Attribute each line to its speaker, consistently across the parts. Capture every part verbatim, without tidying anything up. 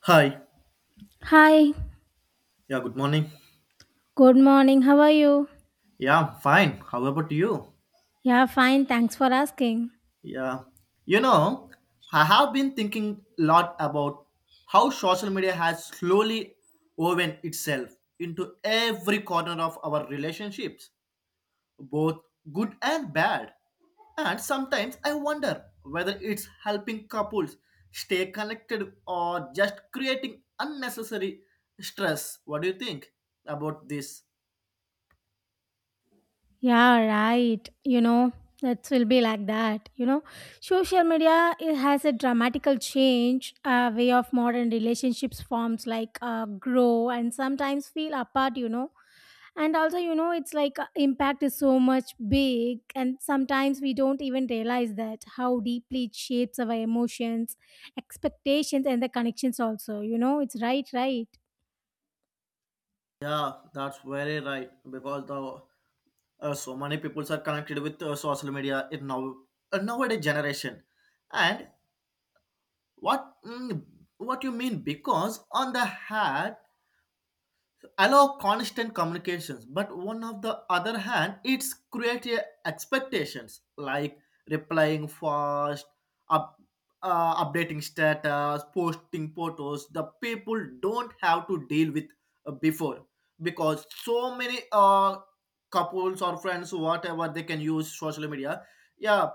Speaker 1: Hi.
Speaker 2: Hi,
Speaker 1: Yeah, good morning.
Speaker 2: good morning. How are you?
Speaker 1: Yeah, fine. How about you?
Speaker 2: Yeah, fine. Thanks for asking.
Speaker 1: Yeah. You know, I have been thinking a lot about how social media has slowly woven itself into every corner of our relationships, both good and bad. And sometimes I wonder whether it's helping couples stay connected or just creating unnecessary stress. What do you think about this?
Speaker 2: Yeah, right. You know, it will be like that. You know, social media it has a dramatical change uh, way of modern relationships forms like uh, grow and sometimes feel apart. You know, and also you know it's like uh, impact is so much big, and sometimes we don't even realize that how deeply it shapes our emotions, expectations, and the connections. Also, you know, it's right, right.
Speaker 1: Yeah, that's very right because the uh, so many people are connected with uh, social media in now uh, nowadays generation, and what mm, what you mean, because on the hat allow constant communications, but one of the other hand it's create a expectations like replying fast, up, uh, updating status, posting photos the people don't have to deal with uh, before, because so many uh, couples or friends, whatever, they can use social media, yeah,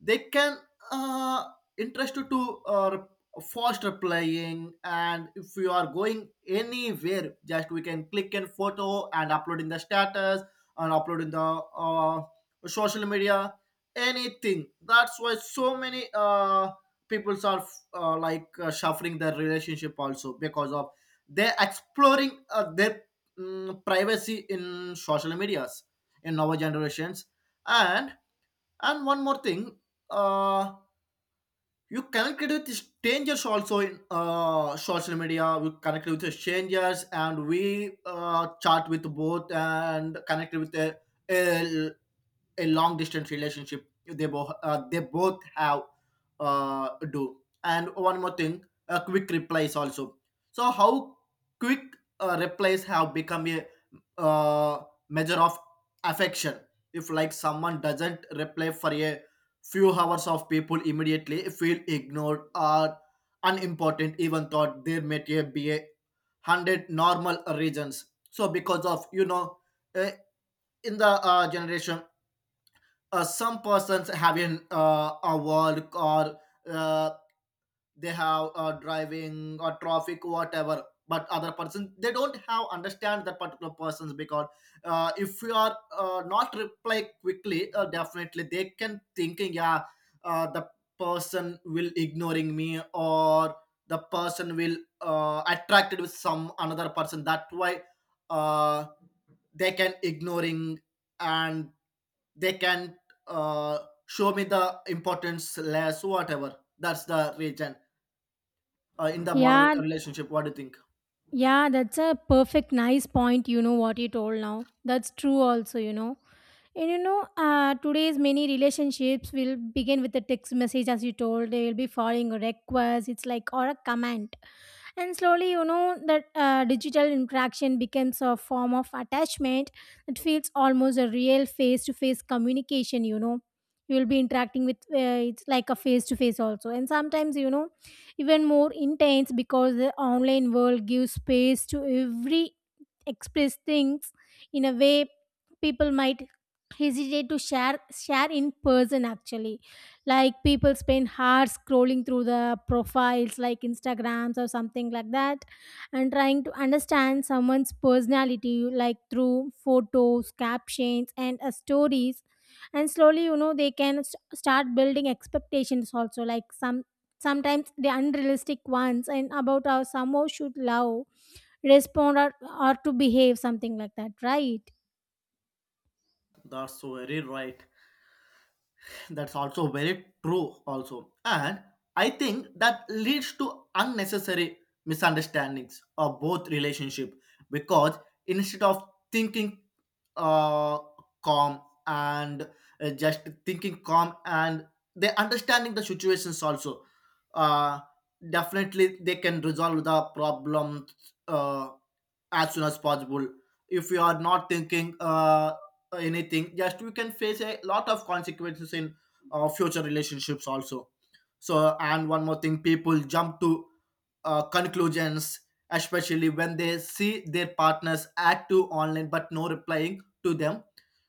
Speaker 1: they can uh, interested to uh, faster playing, and if you are going anywhere, just we can click in photo and upload in the status and upload in the uh, social media, anything. That's why so many uh, peoples are uh, like uh, suffering their relationship also, because of they're exploring uh, their mm, privacy in social medias in our generations. And and one more thing, uh you connected with strangers also in uh, social media, we connected with strangers and we uh, chat with both, and connected with a, a a long distance relationship, they both uh, they both have uh, do and one more thing, uh, quick replies also. So how quick uh, replies have become a uh, measure of affection, if like someone doesn't reply for a few hours of people immediately feel ignored or unimportant, even thought there may be a hundred normal reasons. So because of you know uh, in the uh, generation, uh, some persons having uh, a work, or uh, they have uh, driving or traffic, whatever, but other person they don't have understand that particular persons. Because uh, if you are uh, not reply quickly, uh, definitely they can thinking, yeah, uh, the person will ignoring me, or the person will uh, attracted with some another person. That why uh, they can ignoring, and they can uh, show me the importance less, whatever, that's the reason uh, in the modern
Speaker 2: Yeah,
Speaker 1: relationship. What do you think?
Speaker 2: yeah, that's a perfect, nice point. You know what you told now. That's true, also, you know. And you know, uh, today's many relationships will begin with a text message, as you told. They will be following a request, it's like, or a command, and slowly you know that uh, digital interaction becomes a form of attachment that feels almost a real face to face communication. You know, you will be interacting with uh, it's like a face to face also, and sometimes you know even more intense because the online world gives space to every express things in a way people might hesitate to share share in person actually. Like people spend hours scrolling through the profiles like Instagrams or something like that, and trying to understand someone's personality like through photos, captions, and uh, stories, and slowly you know they can st- start building expectations also, like some sometimes the unrealistic ones, and about how someone should love, respond, or, or to behave something like that, right?
Speaker 1: That's very right. That's also very true also, and I think that leads to unnecessary misunderstandings of both relationship, because instead of thinking, uh, calm and uh, just thinking calm, and they understanding the situations also, uh, definitely they can resolve the problem uh, as soon as possible. If you are not thinking uh, anything, just you can face a lot of consequences in uh, future relationships also. So and one more thing, people jump to uh, conclusions, especially when they see their partners active online but no replying to them.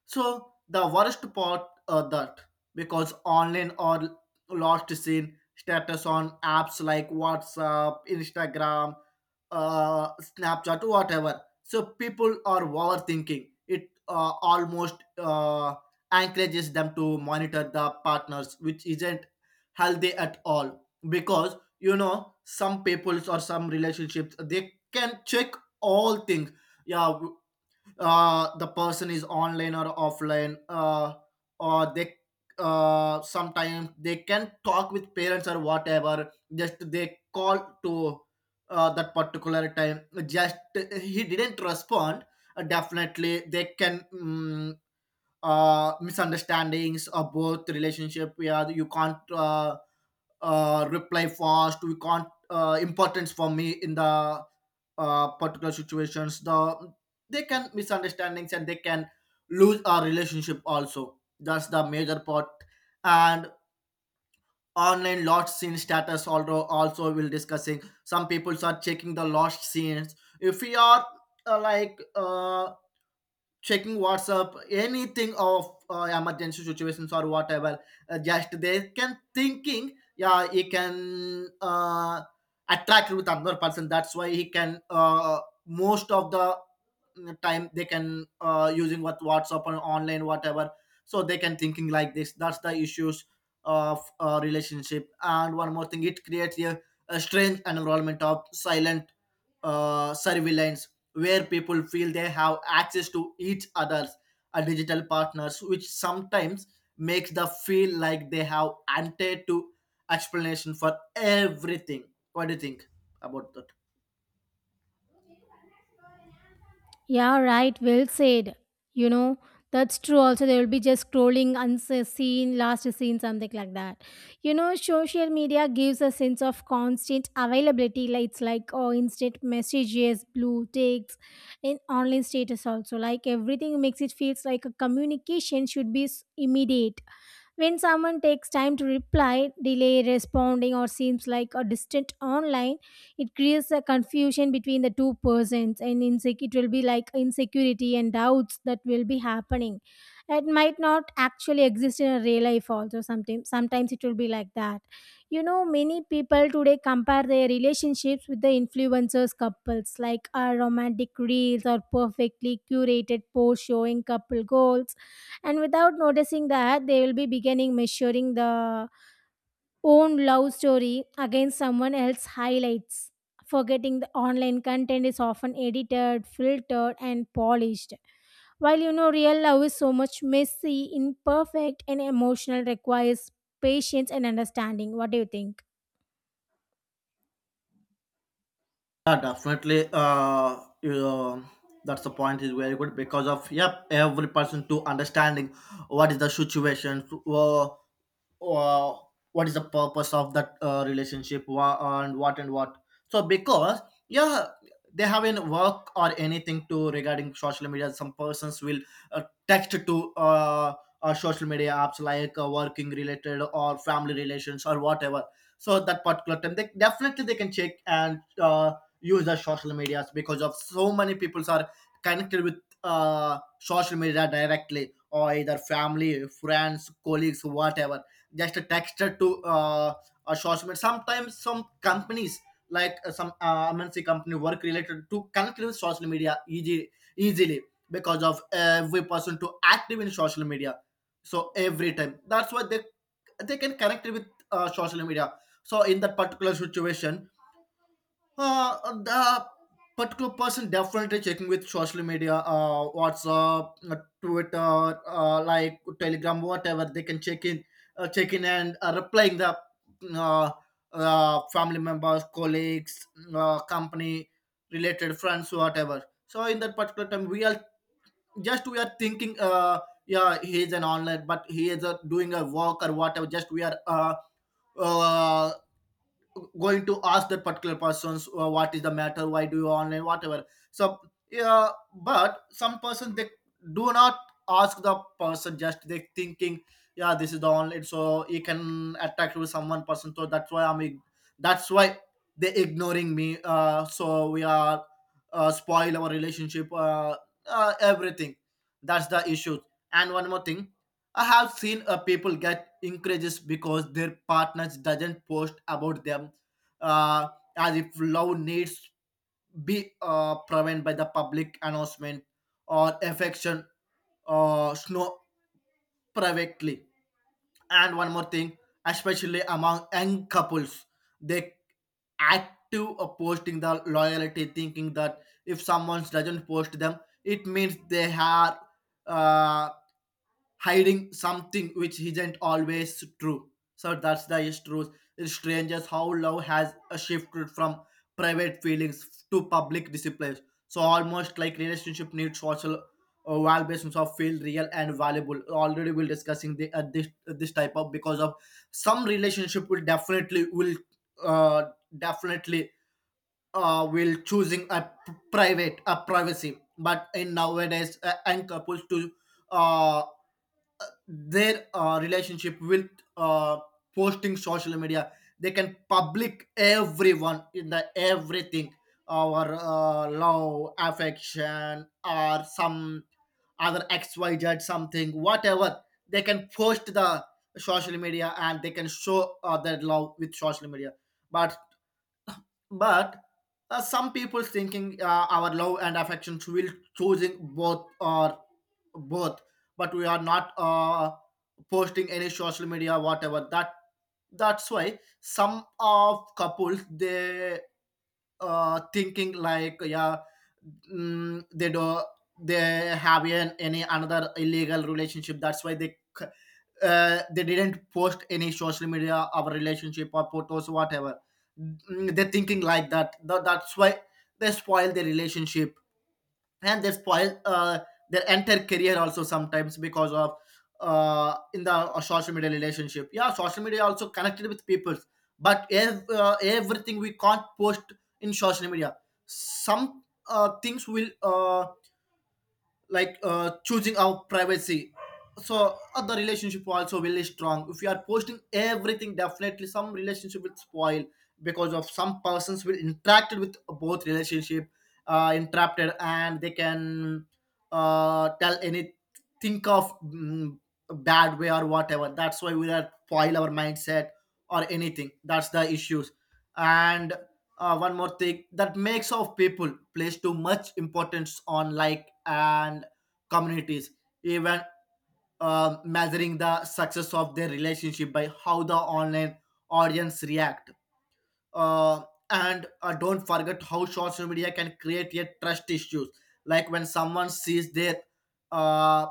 Speaker 1: So the worst part uh, that, because online or lost seen status on apps like WhatsApp, Instagram, uh, Snapchat, whatever. So people are overthinking. It uh, almost uh, encourages them to monitor the partners, which isn't healthy at all. Because you know, some peoples or some relationships they can check all things. Yeah, uh, the person is online or offline, uh, or they uh, sometimes they can talk with parents or whatever, just they call to uh, that particular time, just he didn't respond, uh, definitely they can mm uh, misunderstandings about both relationship. Yeah, you can't uh, uh, reply fast. We can't uh, importance for me in the uh, particular situations. The they can misunderstandings, and they can lose our relationship also. That's the major part. And online lost scene status, although also, we'll discussing some people are checking the lost scenes if we are uh, like uh, checking WhatsApp, anything of uh, emergency situations or whatever. Uh, just they can thinking, yeah, he can uh, attract with another person. That's why he can uh, most of the mm, time they can uh, using what WhatsApp or online, whatever. So they can thinking like this. That's the issues of uh, relationship. And one more thing, it creates a, a strange environment of silent uh, surveillance, where people feel they have access to each other's uh, digital partners, which sometimes makes the feel like they have ante to explanation for everything. What do you think about that?
Speaker 2: Yeah, right. Well said. You know, that's true. Also, they will be just scrolling unseen, last seen, something like that. You know, social media gives a sense of constant availability. Like it's like oh, instant messages, blue ticks, and online status also. Like everything makes it feels like a communication should be s- immediate. When someone takes time to reply, delay responding, or seems like a distant online, it creates a confusion between the two persons, and insec- it will be like insecurity and doubts that will be happening. It might not actually exist in a real life. Also, sometimes sometimes it will be like that. You know, many people today compare their relationships with the influencers couples, like our romantic reels or perfectly curated posts showing couple goals, and without noticing that they will be beginning measuring the own love story against someone else's highlights, forgetting the online content is often edited, filtered, and polished, while you know real love is so much messy, imperfect, and emotional, requires patience and understanding. What do you think?
Speaker 1: Yeah, definitely. Uh, you know, that's the point is very good, because of, yep, every person to understanding what is the situation, uh, uh, what is the purpose of that uh, relationship, wha- and what and what, so because, yeah, they haven't work or anything to regarding social media. Some persons will uh, text to uh, uh, social media apps like uh, working related or family relations or whatever. So that particular time they definitely they can check, and uh, use the social medias, because of so many people are connected with uh, social media directly or either family, friends, colleagues, whatever, just a texture to uh, a social media. Sometimes some companies like uh, some uh, M N C company work related to connect with social media easy, easily, because of every person to active in social media. So every time that's why they they can connect with uh, social media. So in that particular situation, uh, the particular person definitely checking with social media, uh WhatsApp, uh, Twitter, uh, like Telegram, whatever. They can check in, uh, check in, and uh, replying the uh, uh, family members, colleagues, uh, company related friends, whatever. So in that particular time we are just we are thinking, uh yeah, he is an online, but he is uh, doing a work or whatever. Just we are uh, uh going to ask that particular persons uh, what is the matter, why do you online, whatever. So, yeah, but some person they do not ask the person, just they thinking, yeah, this is the online, so he can attack with someone person. So that's why i'm ig- that's why they ignoring me, uh so we are uh, spoil our relationship, uh, uh everything. That's the issue. And one more thing, I have seen uh, people get increases because their partners doesn't post about them, uh, as if love needs be uh, proven by the public announcement or affection, uh, snow privately. And one more thing, especially among young couples, they active uh, posting the loyalty, thinking that if someone doesn't post them, it means they are uh, hiding something, which isn't always true. So that's the truth. It's strangers how love has uh, shifted from private feelings to public displays. So almost like relationship needs social uh, validations of feel real and valuable. Already we're discussing the uh, this uh, this type of, because of some relationship will definitely will uh, definitely uh, will choosing a p- private, a privacy. But in nowadays uh, and couples to uh, their uh, relationship with uh, posting social media, they can public everyone in the everything, our uh, love affection or some other xyz something, whatever. They can post the social media, and they can show uh, their love with social media. But but uh, some people thinking uh, our love and affections will choosing both or both, but we are not uh, posting any social media, whatever. That that's why some of couples they uh, thinking like, yeah, mm, they do they have an, any another illegal relationship. That's why they uh, they didn't post any social media, our relationship or photos, whatever. Mm, they're thinking like that. Tha- that's why they spoil their relationship, and they spoil uh, their entire career also, sometimes because of uh, in the uh, social media relationship. Yeah, social media also connected with people, but ev- uh, everything we can't post in social media. Some uh, things will uh, like uh, choosing our privacy. So uh, the relationship also really strong. If you are posting everything, definitely some relationship will spoil, because of some persons will interacted with both relationship, uh interrupted, and they can uh tell any think of mm, bad way or whatever. That's why we are spoil our mindset or anything. That's the issues. And uh, one more thing, that makes of people place too much importance on like and communities, even um measuring the success of their relationship by how the online audience react, uh, and uh, don't forget how social media can create a trust issues, like when someone sees their uh,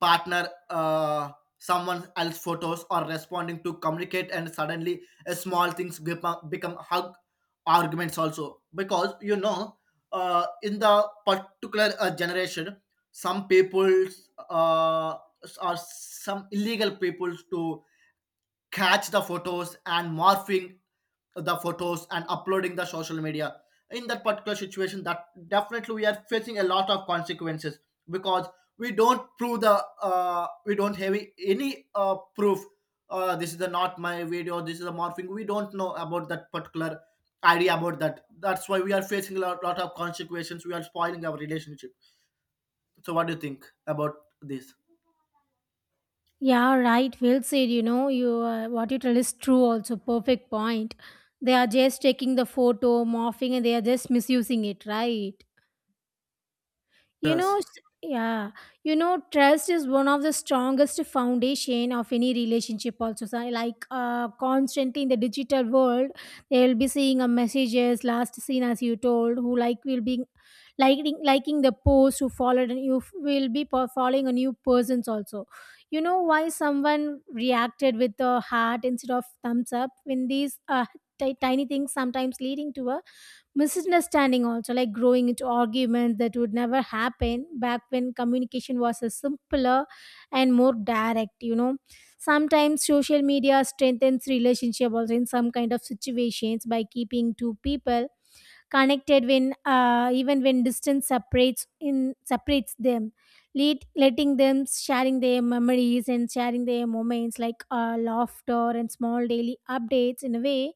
Speaker 1: partner uh, someone else photos or responding to communicate, and suddenly uh, small things become, become hug arguments also, because you know, uh, in the particular uh, generation some people uh, or some illegal people to catch the photos and morphing the photos and uploading the social media. In that particular situation, that definitely we are facing a lot of consequences, because we don't prove the uh, we don't have any uh, proof, uh, this is the not my video, this is a morphing, we don't know about that particular idea about that. That's why we are facing a lot, lot of consequences. We are spoiling our relationship. So what do you think about this?
Speaker 2: Yeah, right, well said. You know, you uh, what you tell is true also, perfect point. They are just taking the photo morphing and they are just misusing it, right? You know,
Speaker 1: Yes.
Speaker 2: s- yeah, you know, trust is one of the strongest foundation of any relationship. Also, so like uh, constantly in the digital world, they will be seeing a messages last seen as you told, who like will be liking liking the post, who followed, and you f- will be po- following a new persons also. You know why someone reacted with a heart instead of thumbs up, when these uh, ti- tiny things sometimes leading to a misunderstanding also, like growing into arguments that would never happen back when communication was a simpler and more direct, you know. Sometimes social media strengthens relationship also in some kind of situations by keeping two people connected when uh, even when distance separates in separates them. Let, letting them sharing their memories and sharing their moments, like uh, laughter and small daily updates in a way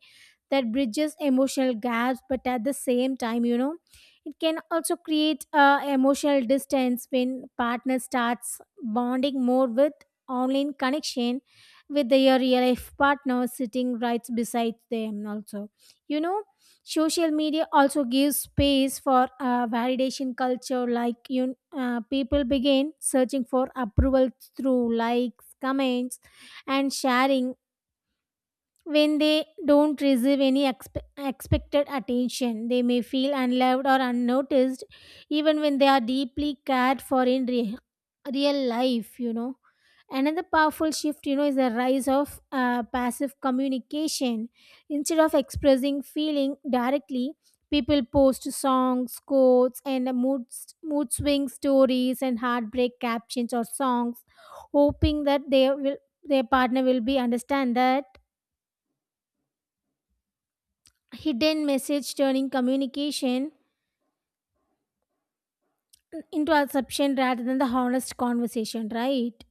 Speaker 2: that bridges emotional gaps. But at the same time you know, it can also create uh, emotional distance when partner starts bonding more with online connection with their real life partner sitting right beside them also, you know. Social media also gives space for uh, validation culture, like you, uh, people begin searching for approval through likes, comments, and sharing. When they don't receive any expe- expected attention, they may feel unloved or unnoticed, even when they are deeply cared for in re- real life, you know. Another powerful shift, you know, is the rise of uh, passive communication. Instead of expressing feeling directly, people post songs, quotes, and mood, mood swing stories and heartbreak captions or songs, hoping that they will their partner will be understand that hidden message, turning communication into assumption rather than the honest conversation, right?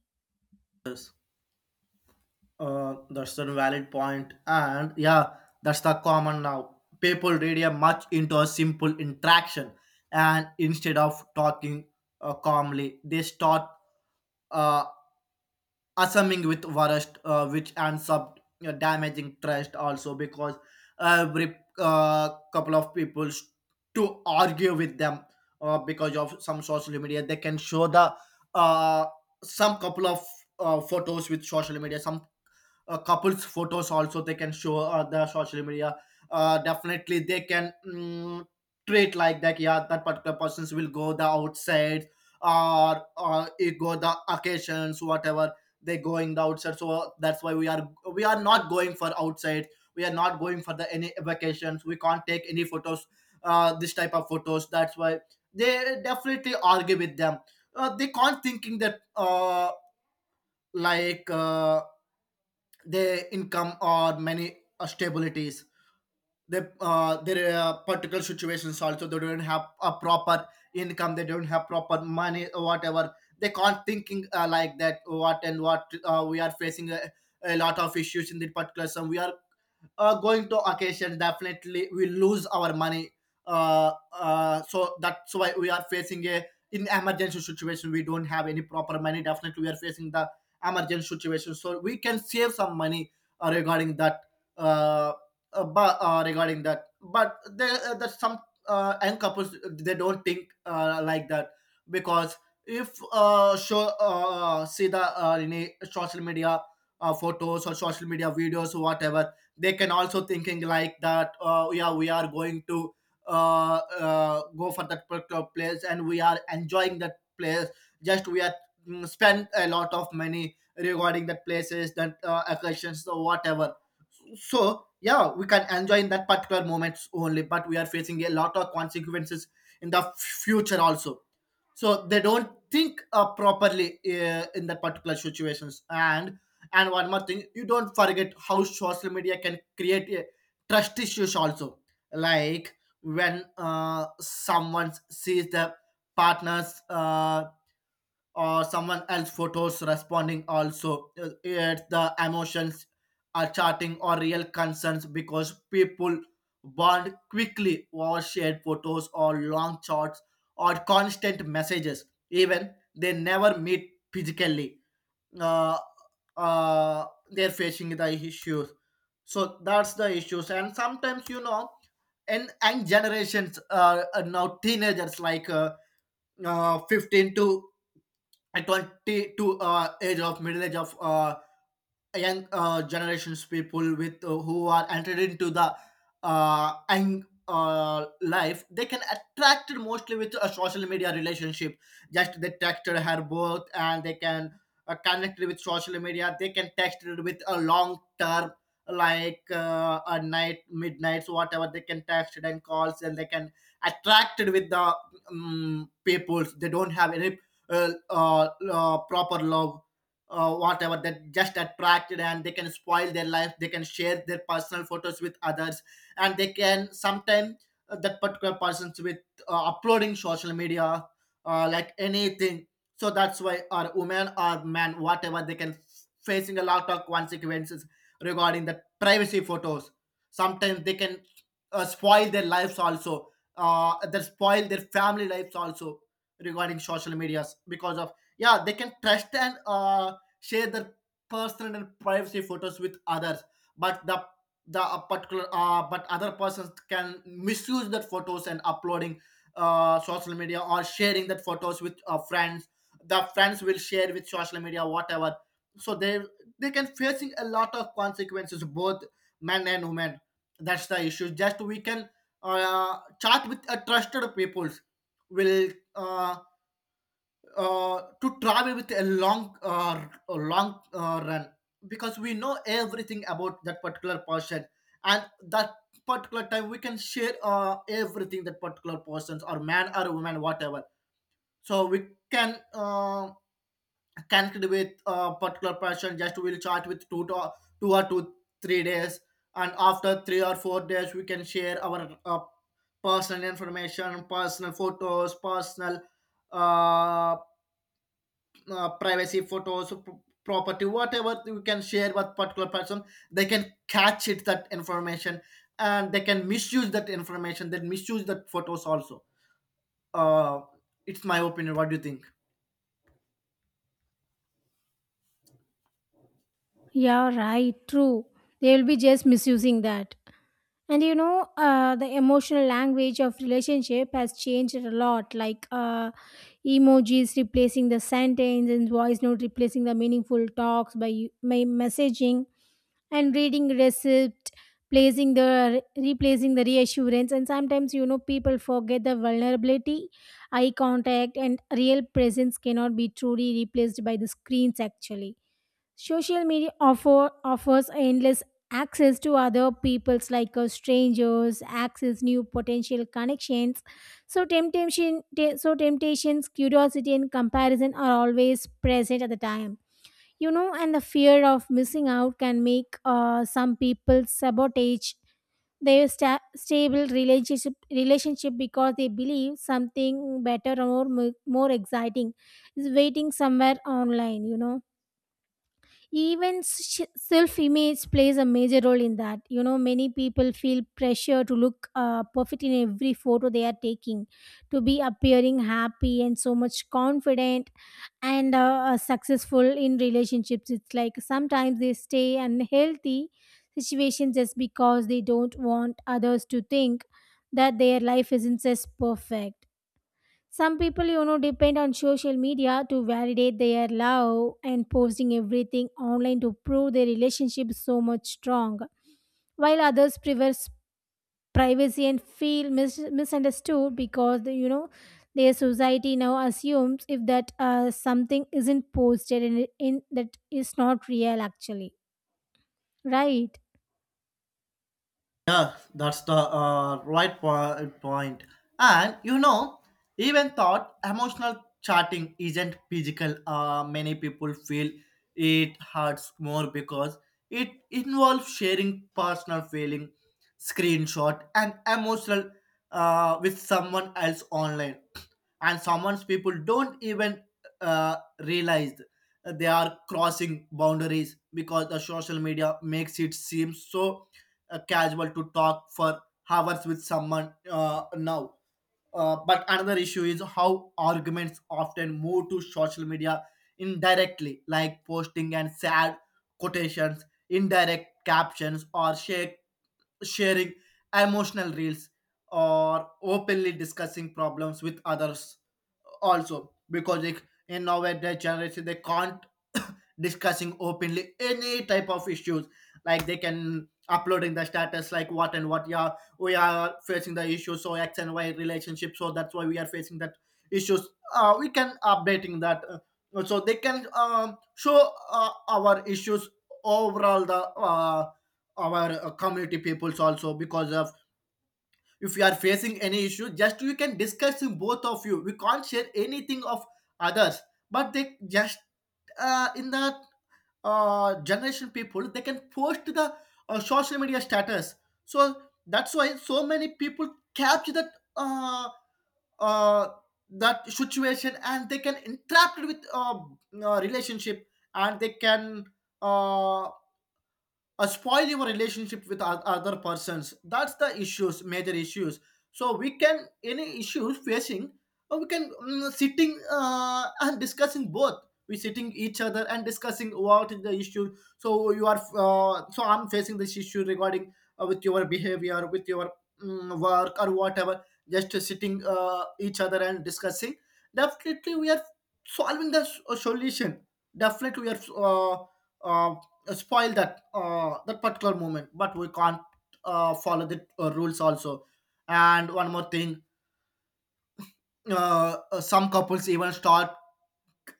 Speaker 1: Uh, that's a valid point, and yeah, that's the common now. People radio much into a simple interaction, and instead of talking uh, calmly, they start uh, assuming with worst, uh, which ends up uh, damaging trust also, because every uh, couple of people s- to argue with them uh, because of some social media, they can show the uh, some couple of uh, photos with social media, some uh, couples photos also they can show uh, the social media. Uh, definitely they can mm, treat like that, yeah. That particular persons will go the outside, or uh, it go the occasions whatever they going the outside. So uh, that's why we are we are not going for outside, we are not going for the any vacations, we can't take any photos, uh, this type of photos. That's why they definitely argue with them. Uh, they can't thinking that uh, like uh, their income or many uh, stabilities, the uh, their uh, particular situations also. They don't have a proper income, they don't have proper money or whatever. They can't thinking uh, like that what and what uh, we are facing a, a lot of issues in the particular. So we are uh, going to occasion, definitely we lose our money. Uh, uh, so that's why we are facing a, in emergency situation we don't have any proper money, definitely we are facing the emergency situation, so we can save some money uh, regarding that. Uh, uh, but uh, regarding that, but there uh, there's some uh, young couples, they don't think uh, like that. Because if uh, show uh, see the uh, any social media uh, photos or social media videos or whatever, they can also thinking like that, uh, yeah we are going to uh, uh, go for that particular place and we are enjoying that place. Just we are mm, spend a lot of money regarding that places, that uh, occasions or whatever. So yeah, we can enjoy in that particular moments only, but we are facing a lot of consequences in the future also. So they don't think uh, properly uh, in that particular situations. And and one more thing, you don't forget how social media can create a trust issues also. Like when uh, someone sees the partner's uh, or someone else photos, responding also uh, yet the emotions are charting or real concerns, because people bond quickly over shared photos or long chats or constant messages, even they never meet physically. uh, uh, they're facing the issues. So that's the issues. And sometimes you know, and and generations uh, uh, now teenagers like uh, uh, fifteen to at twenty to uh, age of middle age of uh, young uh, generations, people with uh, who are entered into the uh, young uh, life, they can attract it mostly with a social media relationship. Just they texted her both, and they can uh, connect it with social media. They can text it with a long term, like uh, a night midnights whatever, they can text it and calls, and they can attract it with the, um, people they don't have any uh, uh, uh, proper love uh, whatever, that just attracted, and they can spoil their life. They can share their personal photos with others, and they can sometimes uh, that particular persons with uh, uploading social media uh, like anything. So that's why our women or men whatever, they can facing a lot of consequences regarding the privacy photos. Sometimes they can uh, spoil their lives also, uh, they spoil their family lives also, regarding social medias. Because of, yeah, they can trust and uh, share their personal and privacy photos with others, but the the uh, particular uh, but other persons can misuse that photos and uploading uh, social media or sharing that photos with uh, friends. The friends will share with social media whatever. So they they can facing a lot of consequences, both men and women. That's the issue. Just we can uh, chat with a trusted peoples will uh, uh, to travel with a long uh, a long uh, run, because we know everything about that particular person. And that particular time we can share uh, everything, that particular persons or man or woman whatever. So we can uh, connect with a particular person. Just we'll chat with two to two or two three days, and after three or four days we can share our uh, personal information, personal photos, personal uh, uh, privacy photos, p- property whatever, you can share with particular person. They can catch it that information, and they can misuse that information, they misuse that photos also. uh, it's my opinion. What do you think?
Speaker 2: Yeah, right, true. They will be just misusing that. And you know, uh, the emotional language of relationship has changed a lot, like uh, emojis replacing the sentence, and voice note replacing the meaningful talks by, by messaging, and reading receipt placing the replacing the reassurance, and sometimes you know people forget the vulnerability, eye contact, and real presence cannot be truly replaced by the screens actually. Social media offer offers endless access to other people's like uh, strangers, access new potential connections. So temptation, te- so temptations, curiosity, and comparison are always present at the time. You know, and the fear of missing out can make uh, some people sabotage their sta- stable relationship relationship because they believe something better or more more exciting is waiting somewhere online. You know, even self image plays a major role in that. You know, many people feel pressure to look uh, perfect in every photo they are taking, to be appearing happy and so much confident, and uh, uh, successful in relationships. It's like sometimes they stay unhealthy situations just because they don't want others to think that their life isn't as perfect. Some people, you know, depend on social media to validate their love and posting everything online to prove their relationship so much strong, while others prefer s- privacy and feel mis- misunderstood because, the, you know, their society now assumes if that uh, something isn't posted and in that is not real actually, right?
Speaker 1: Yeah, that's the uh, right po- point. And you know, even thought emotional chatting isn't physical. Uh, many people feel it hurts more because it involves sharing personal feeling, screenshot, and emotional uh, with someone else online. And someone's people don't even uh, realize they are crossing boundaries, because the social media makes it seem so uh, casual to talk for hours with someone uh, now. Uh, but another issue is how arguments often move to social media indirectly, like posting and sad quotations, indirect captions, or shared sharing emotional reels, or openly discussing problems with others also. Because like in nowadays generation, they can't discussing openly any type of issues. Like they can uploading the status, like what and what, yeah we are facing the issue, so X and Y relationship, so that's why we are facing that issues. Uh, we can updating that uh, so they can um, show uh, our issues overall, the uh, our uh, community peoples also. Because of, if you are facing any issue, just you can discuss in both of you, we can't share anything of others. But they just uh, in the uh, generation people, they can post the uh, social media status. So that's why so many people capture that uh, uh, that situation, and they can interact with uh, uh, relationship, and they can uh, uh, spoil your relationship with oth- other persons. That's the issues, major issues. So we can any issues facing, uh, we can mm, sitting uh, and discussing both. We sitting each other and discussing what is the issue. So you are uh, so I'm facing this issue regarding uh, with your behavior, with your mm, work or whatever. Just sitting uh, each other and discussing, definitely we are solving the s- solution. Definitely we are uh, uh, spoil that uh, that particular moment, but we can't uh, follow the uh, rules also. And one more thing, uh, uh, some couples even start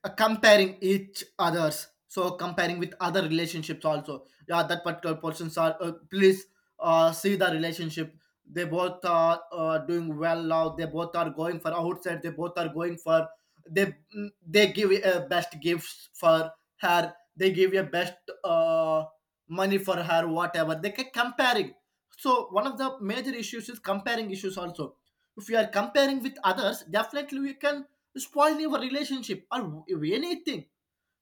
Speaker 1: uh, comparing each others. So comparing with other relationships also, yeah that particular persons are uh, please uh, see the relationship, they both are uh, doing well now, they both are going for outside, they both are going for, they mm, they give a best gifts for her, they give a best uh, money for her whatever, they can comparing. So one of the major issues is comparing issues also. If you are comparing with others, definitely we can spoil your relationship or anything.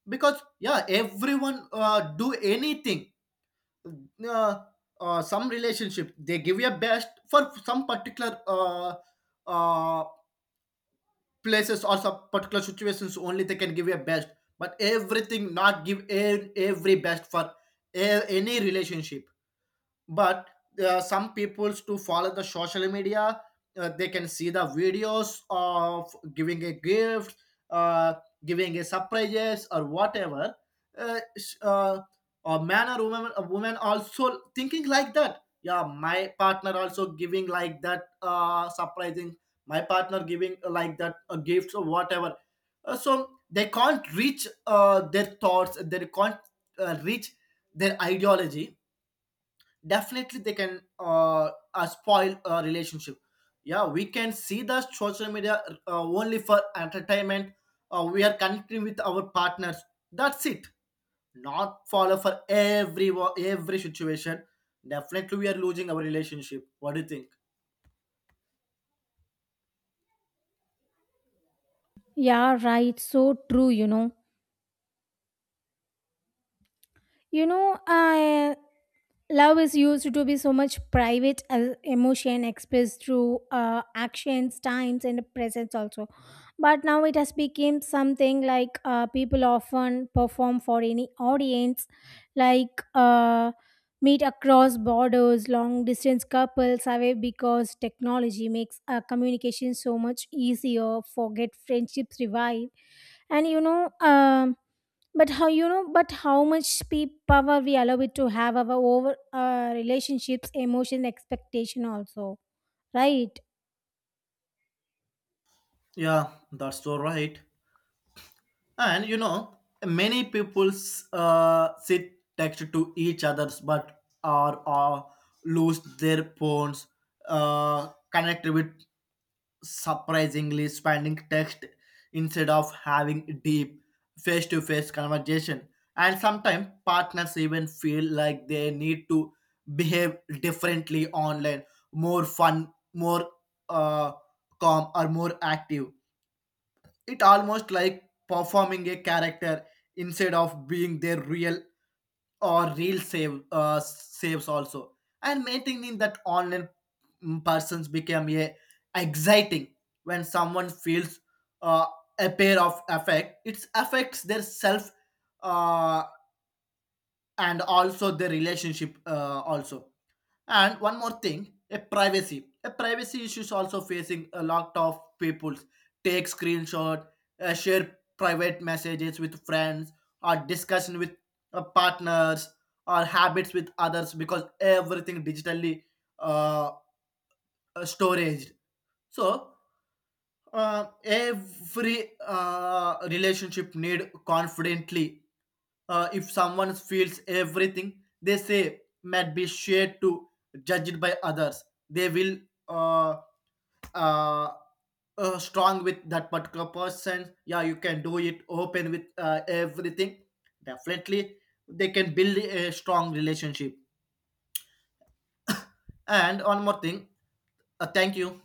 Speaker 1: Because yeah, everyone uh, do anything. uh, uh, some relationship they give your best for some particular uh, uh, places or some particular situations only, they can give your best. But everything not give e- every best for a- any relationship. But there are some peoples to follow the social media. Uh, they can see the videos of giving a gift, uh, giving a surprises or whatever. uh, sh- uh, a man or woman, a woman also thinking like that, yeah my partner also giving like that uh, surprising, my partner giving uh, like that a gift or whatever. Uh, so they can't reach uh, their thoughts, they can't uh, reach their ideology. Definitely they can uh, uh spoil a relationship. Yeah, we can see the social media uh, only for entertainment, uh, we are connecting with our partners, that's it. Not follow for every wo- every situation, definitely we are losing our relationship. What do you think?
Speaker 2: Yeah, right. So true, you know. You know, I love is used to be so much private as emotion expressed through uh, actions, times, and presence also, but now it has become something like uh, people often perform for any audience, like uh, meet across borders, long distance couples away, because technology makes uh, communication so much easier, forget friendships revive. And you know um but how you know, but how much pe- power we allow it to have our over uh, relationships, emotions, expectation also, right?
Speaker 1: Yeah, that's so right. And you know, many people uh, sit text to each others, but are uh, lose their phones uh, connect with surprisingly spanning text, instead of having deep face-to-face conversation. And sometimes partners even feel like they need to behave differently online, more fun, more uh, calm or more active. It almost like performing a character instead of being their real or real save uh, saves also. And maintaining that online mm, persons became a exciting. When someone feels uh, a pair of effect, it affects their self uh, and also their relationship uh, also. And one more thing, a privacy. A privacy issue is also facing a lot of people. Take screenshot, uh, share private messages with friends, or discussion with uh, partners, or habits with others, because everything digitally uh, uh, storaged. So uh, every uh, relationship need confidently. Uh, if someone feels everything they say might be shared to judged by others, they will uh, uh, uh, strong with that particular person. Yeah, you can do it open with uh, everything, definitely they can build a strong relationship. And one more thing, uh, thank you.